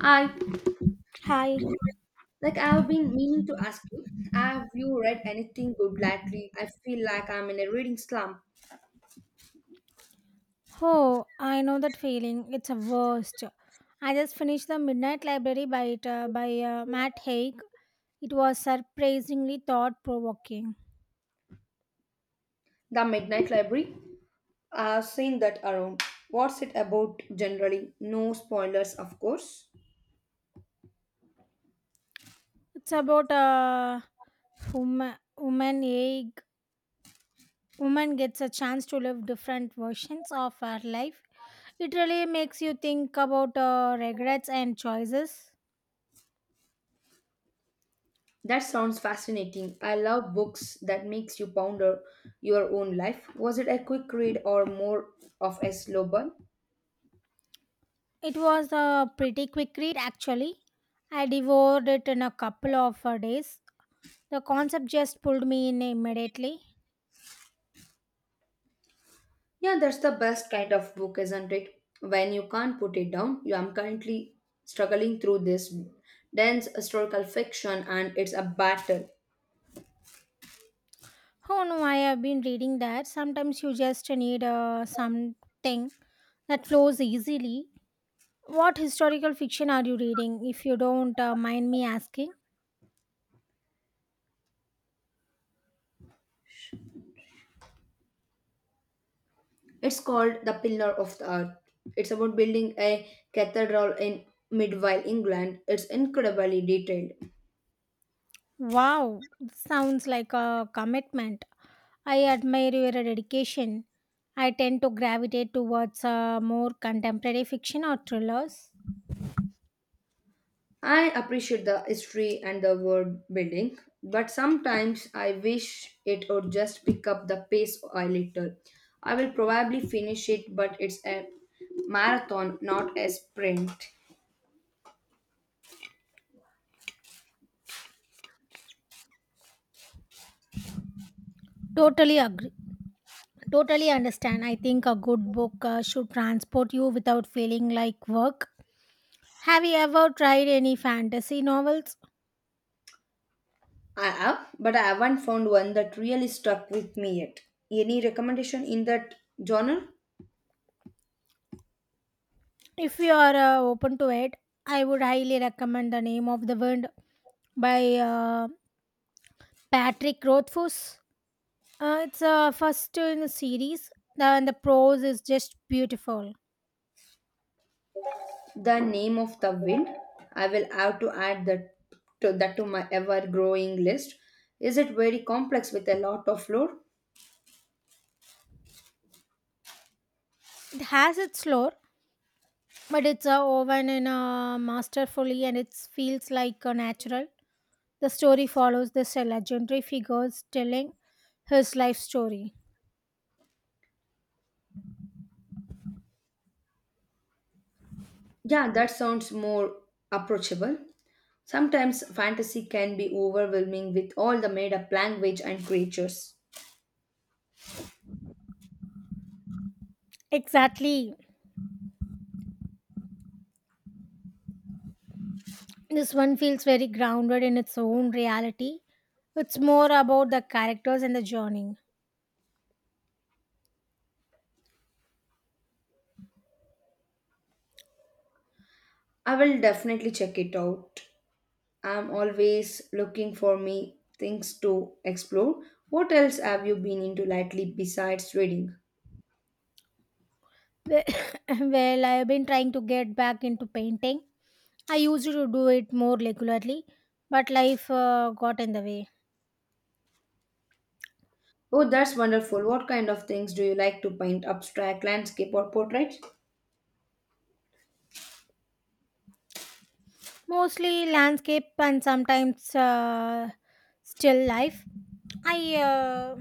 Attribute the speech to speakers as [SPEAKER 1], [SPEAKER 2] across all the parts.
[SPEAKER 1] I
[SPEAKER 2] Hi.
[SPEAKER 1] like I've been meaning to ask you, have you read anything good lately? I feel like I'm in a reading slump.
[SPEAKER 2] Oh, I know that feeling. It's a worst. I just finished The Midnight Library by Matt Haig. It was surprisingly thought provoking.
[SPEAKER 1] The Midnight Library. I've seen that around. What's it about generally? No spoilers, of course.
[SPEAKER 2] It's about a woman, woman egg. Woman gets a chance to live different versions of her life. It really makes you think about regrets and choices.
[SPEAKER 1] That sounds fascinating. I love books that makes you ponder your own life. Was it a quick read or more of a slow burn?
[SPEAKER 2] It was a pretty quick read, actually. I devoured it in a couple of days. The concept just pulled me in immediately.
[SPEAKER 1] Yeah, that's the best kind of book, isn't it? When you can't put it down, you am currently struggling through this dense historical fiction and it's a battle.
[SPEAKER 2] Oh no, I have been reading that. Sometimes you just need something that flows easily. What historical fiction are you reading, if you don't mind me asking?
[SPEAKER 1] It's called The Pillar of the Earth. It's about building a cathedral in medieval England. It's incredibly detailed.
[SPEAKER 2] Wow, sounds like a commitment. I admire your dedication. I tend to gravitate towards more contemporary fiction or thrillers.
[SPEAKER 1] I appreciate the history and the world building, but sometimes I wish it would just pick up the pace a little. I will probably finish it, but it's a marathon, not a sprint.
[SPEAKER 2] Totally agree. Totally understand. I think a good book should transport you without feeling like work. Have you ever tried any fantasy novels?
[SPEAKER 1] I have, but I haven't found one that really stuck with me yet. Any recommendation in that genre?
[SPEAKER 2] If you are open to it, I would highly recommend The Name of the Wind by Patrick Rothfuss. It's first in the series, and the prose is just beautiful.
[SPEAKER 1] The Name of the Wind. I will have to add that to my ever growing list. Is it very complex with a lot of lore?
[SPEAKER 2] It has its lore, but it's woven in masterfully, and it feels like natural. The story follows this legendary figure telling his life story.
[SPEAKER 1] Yeah, that sounds more approachable. Sometimes fantasy can be overwhelming with all the made up language and creatures.
[SPEAKER 2] Exactly. This one feels very grounded in its own reality. It's more about the characters and the journey.
[SPEAKER 1] I will definitely check it out. I'm always looking for me things to explore. What else have you been into lately besides reading?
[SPEAKER 2] Well, well, I have been trying to get back into painting. I used to do it more regularly, but life got in the way.
[SPEAKER 1] Oh, that's wonderful. What kind of things do you like to paint? Abstract, landscape, or portrait?
[SPEAKER 2] Mostly landscape and sometimes still life. I uh,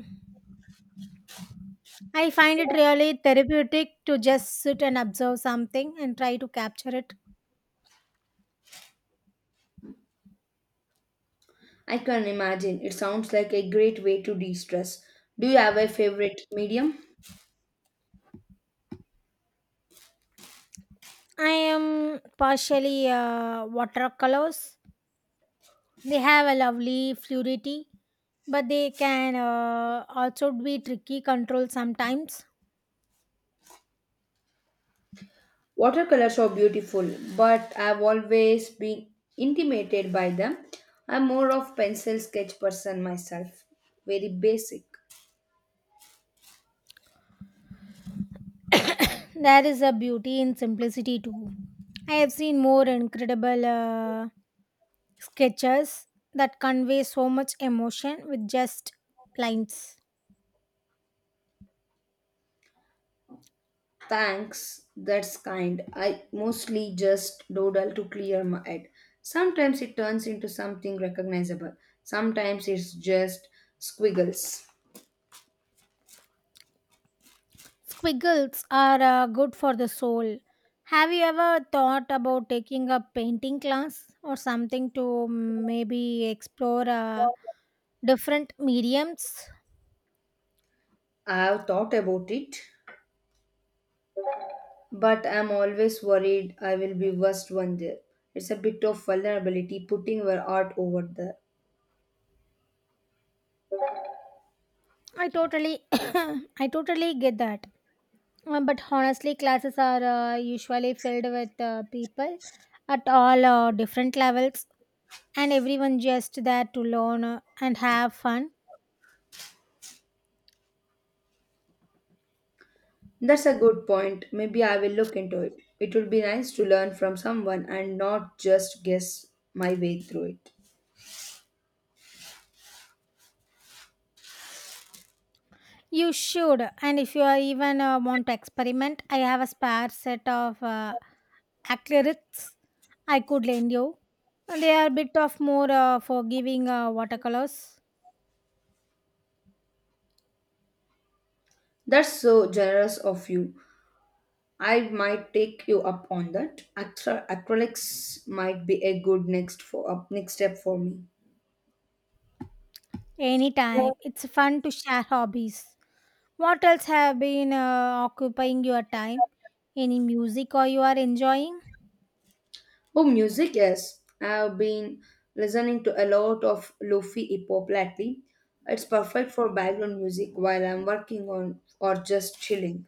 [SPEAKER 2] I find it really therapeutic to just sit and observe something and try to capture it.
[SPEAKER 1] I can imagine. It sounds like a great way to de stress. Do you have a favorite medium?
[SPEAKER 2] I am partially watercolors. They have a lovely fluidity, but they can also be tricky control sometimes.
[SPEAKER 1] Watercolors are beautiful, but I've always been intimidated by them. I'm more of pencil sketch person myself. Very basic.
[SPEAKER 2] There is a beauty in simplicity too. I have seen more incredible sketches that convey so much emotion with just lines.
[SPEAKER 1] Thanks, that's kind. I mostly just doodle to clear my head. Sometimes it turns into something recognizable. Sometimes it's just squiggles.
[SPEAKER 2] Squiggles are good for the soul. Have you ever thought about taking a painting class or something to maybe explore different mediums?
[SPEAKER 1] I've thought about it, but I'm always worried I will be worst one there. It's a bit of vulnerability putting your art over there.
[SPEAKER 2] I totally, I totally get that. But honestly, classes are usually filled with people at all different levels, and everyone just there to learn and have fun.
[SPEAKER 1] That's a good point. Maybe I will look into it. It would be nice to learn from someone and not just guess my way through it.
[SPEAKER 2] You should, and if you are even want to experiment, I have a spare set of acrylics I could lend you. And they are a bit of more forgiving watercolors.
[SPEAKER 1] That's so generous of you. I might take you up on that. Acrylics might be a good next step for me.
[SPEAKER 2] Anytime, it's fun to share hobbies. What else have been occupying your time? Any music or you are enjoying?
[SPEAKER 1] Oh, music, yes. I've been listening to a lot of lofi hip hop lately. It's perfect for background music while I'm working on or just chilling.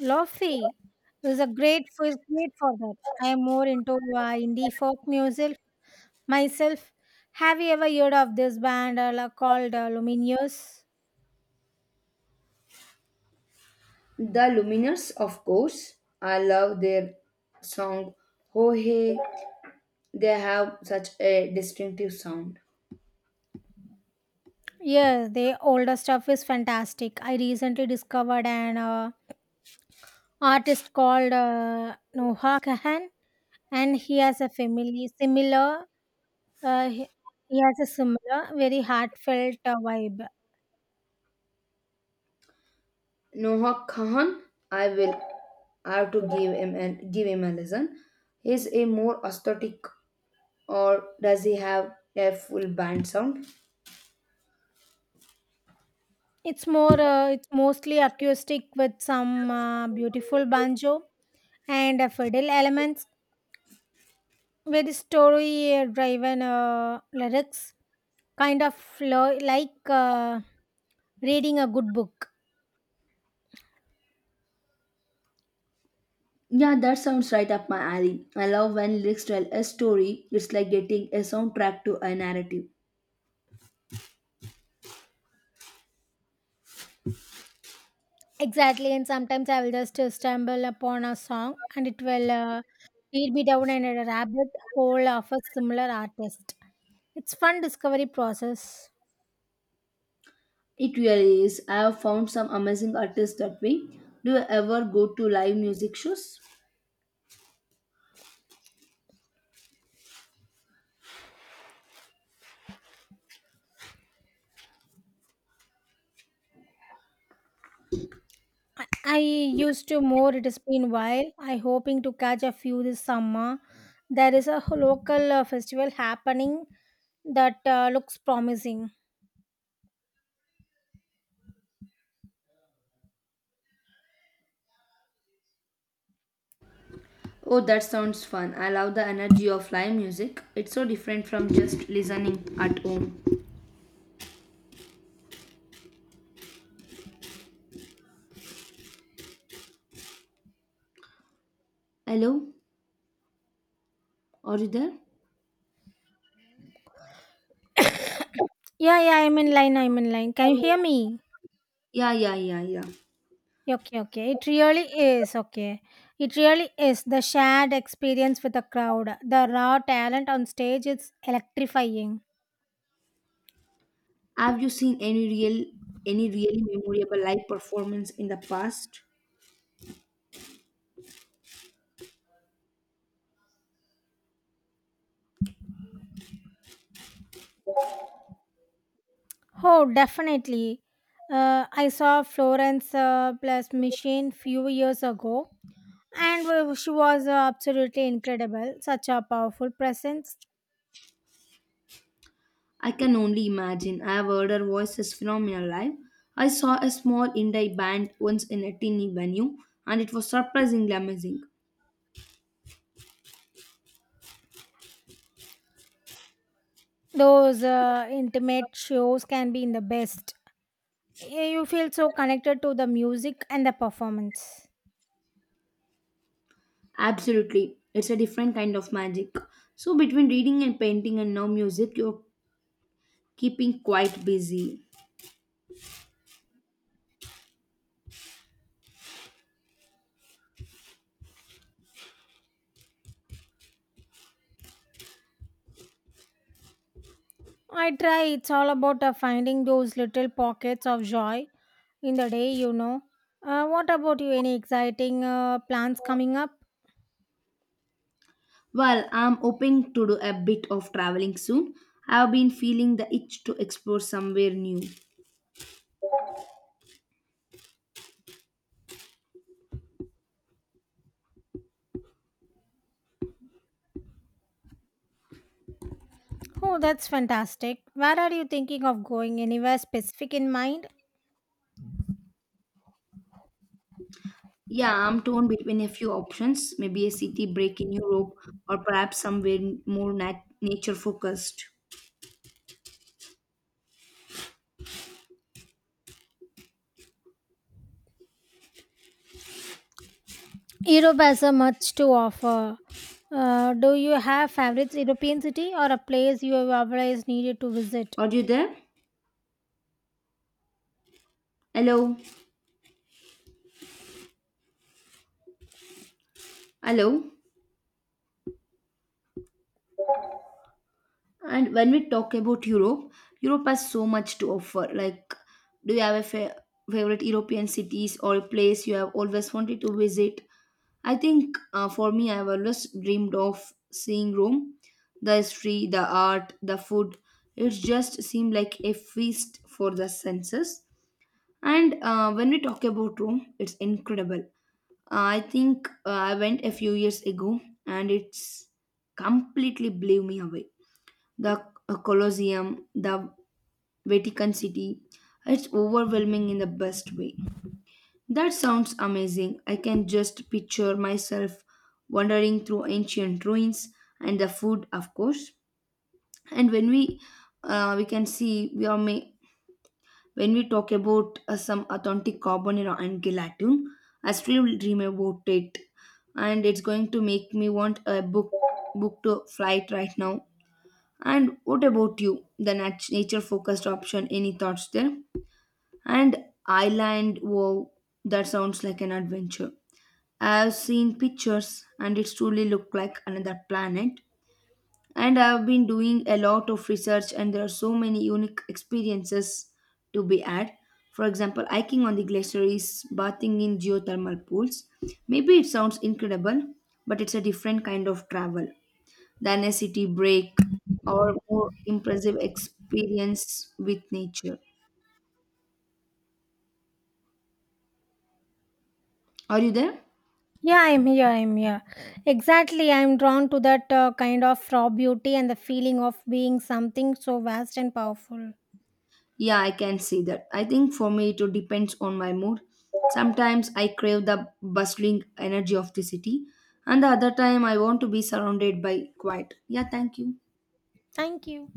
[SPEAKER 2] Lofi is great for that. I am more into indie folk music myself. Have you ever heard of this band called Lumineers?
[SPEAKER 1] The Lumineers, of course. I love their song Oh Hey. They have such a distinctive sound.
[SPEAKER 2] Yes, their older stuff is fantastic. I recently discovered an artist called Noha Kahan, and he has a family similar. Uh, he he has a similar, very heartfelt vibe.
[SPEAKER 1] Noah Kahan, I will have to give him a listen. He's a more aesthetic, or does he have a full band sound?
[SPEAKER 2] It's mostly acoustic with some beautiful banjo and fiddle elements with story driven lyrics, kind of like reading a good book.
[SPEAKER 1] Yeah, that sounds right up my alley. I love when lyrics tell a story. It's like getting a soundtrack to a narrative.
[SPEAKER 2] Exactly, and sometimes I will just stumble upon a song, and it will lead me down in a rabbit hole of a similar artist. It's fun discovery process.
[SPEAKER 1] It really is. I have found some amazing artists that way. Do you ever go to live music shows?
[SPEAKER 2] I used to more. It has been while. I hoping to catch a few this summer. There is a local festival happening that looks promising.
[SPEAKER 1] Oh, that sounds fun. I love the energy of live music. It's so different from just listening at home. Hello? Are you there?
[SPEAKER 2] Yeah, yeah. I'm in line. I'm in line. Can you hear me?
[SPEAKER 1] Yeah, yeah, yeah, yeah.
[SPEAKER 2] Okay, okay. It really is. Okay. It really is. The shared experience with the crowd, the raw talent on stage, it's electrifying.
[SPEAKER 1] Have you seen any really memorable live performance in the past?
[SPEAKER 2] Oh, definitely. I saw Florence plus Machine few years ago, and she was absolutely incredible, such a powerful presence.
[SPEAKER 1] I can only imagine. I have heard her voice is phenomenal live. I saw a small indie band once in a teeny venue and it was surprisingly amazing.
[SPEAKER 2] Those intimate shows can be in the best. You feel so connected to the music and the performance.
[SPEAKER 1] Absolutely. It's a different kind of magic. So, between reading and painting and now music, you're keeping quite busy.
[SPEAKER 2] I try. It's all about finding those little pockets of joy in the day, you know. What about you? Any exciting plans coming up?
[SPEAKER 1] Well, I'm hoping to do a bit of traveling soon. I've been feeling the itch to explore somewhere new.
[SPEAKER 2] Oh, that's fantastic. Where are you thinking of going? Anywhere specific in mind?
[SPEAKER 1] Yeah, I'm torn between a few options, maybe a city break in Europe or perhaps somewhere more nature focused.
[SPEAKER 2] Europe has a much to offer. Do you have favorite European city or a place you have always needed to visit?
[SPEAKER 1] Are you there? Hello? Hello? And when we talk about Europe, Europe has so much to offer. Like, do you have a favorite European cities or place you have always wanted to visit? I think for me, I've always dreamed of seeing Rome. The history, the art, the food. It just seemed like a feast for the senses. And when we talk about Rome, it's incredible. I think I went a few years ago and it's completely blew me away the Colosseum, the Vatican City. It's overwhelming in the best way. That sounds amazing. I can just picture myself wandering through ancient ruins and the food, of course. And when we can see we are may, when we talk about some authentic carbonara and gelatin, I still dream about it, and it's going to make me want a book to flight right now. And what about you? The nature focused option, any thoughts there? And island, wow, that sounds like an adventure. I've seen pictures and it's truly looked like another planet. And I've been doing a lot of research, and there are so many unique experiences to be had. For example, hiking on the glaciers, bathing in geothermal pools. Maybe it sounds incredible, but it's a different kind of travel than a city break or more impressive experience with nature. Are you there?
[SPEAKER 2] Yeah, I'm here. I'm here. Exactly. I'm drawn to that kind of raw beauty and the feeling of being something so vast and powerful.
[SPEAKER 1] Yeah, I can see that. I think for me it depends on my mood. Sometimes I crave the bustling energy of the city, and the other time I want to be surrounded by quiet. Yeah, thank you.
[SPEAKER 2] Thank you.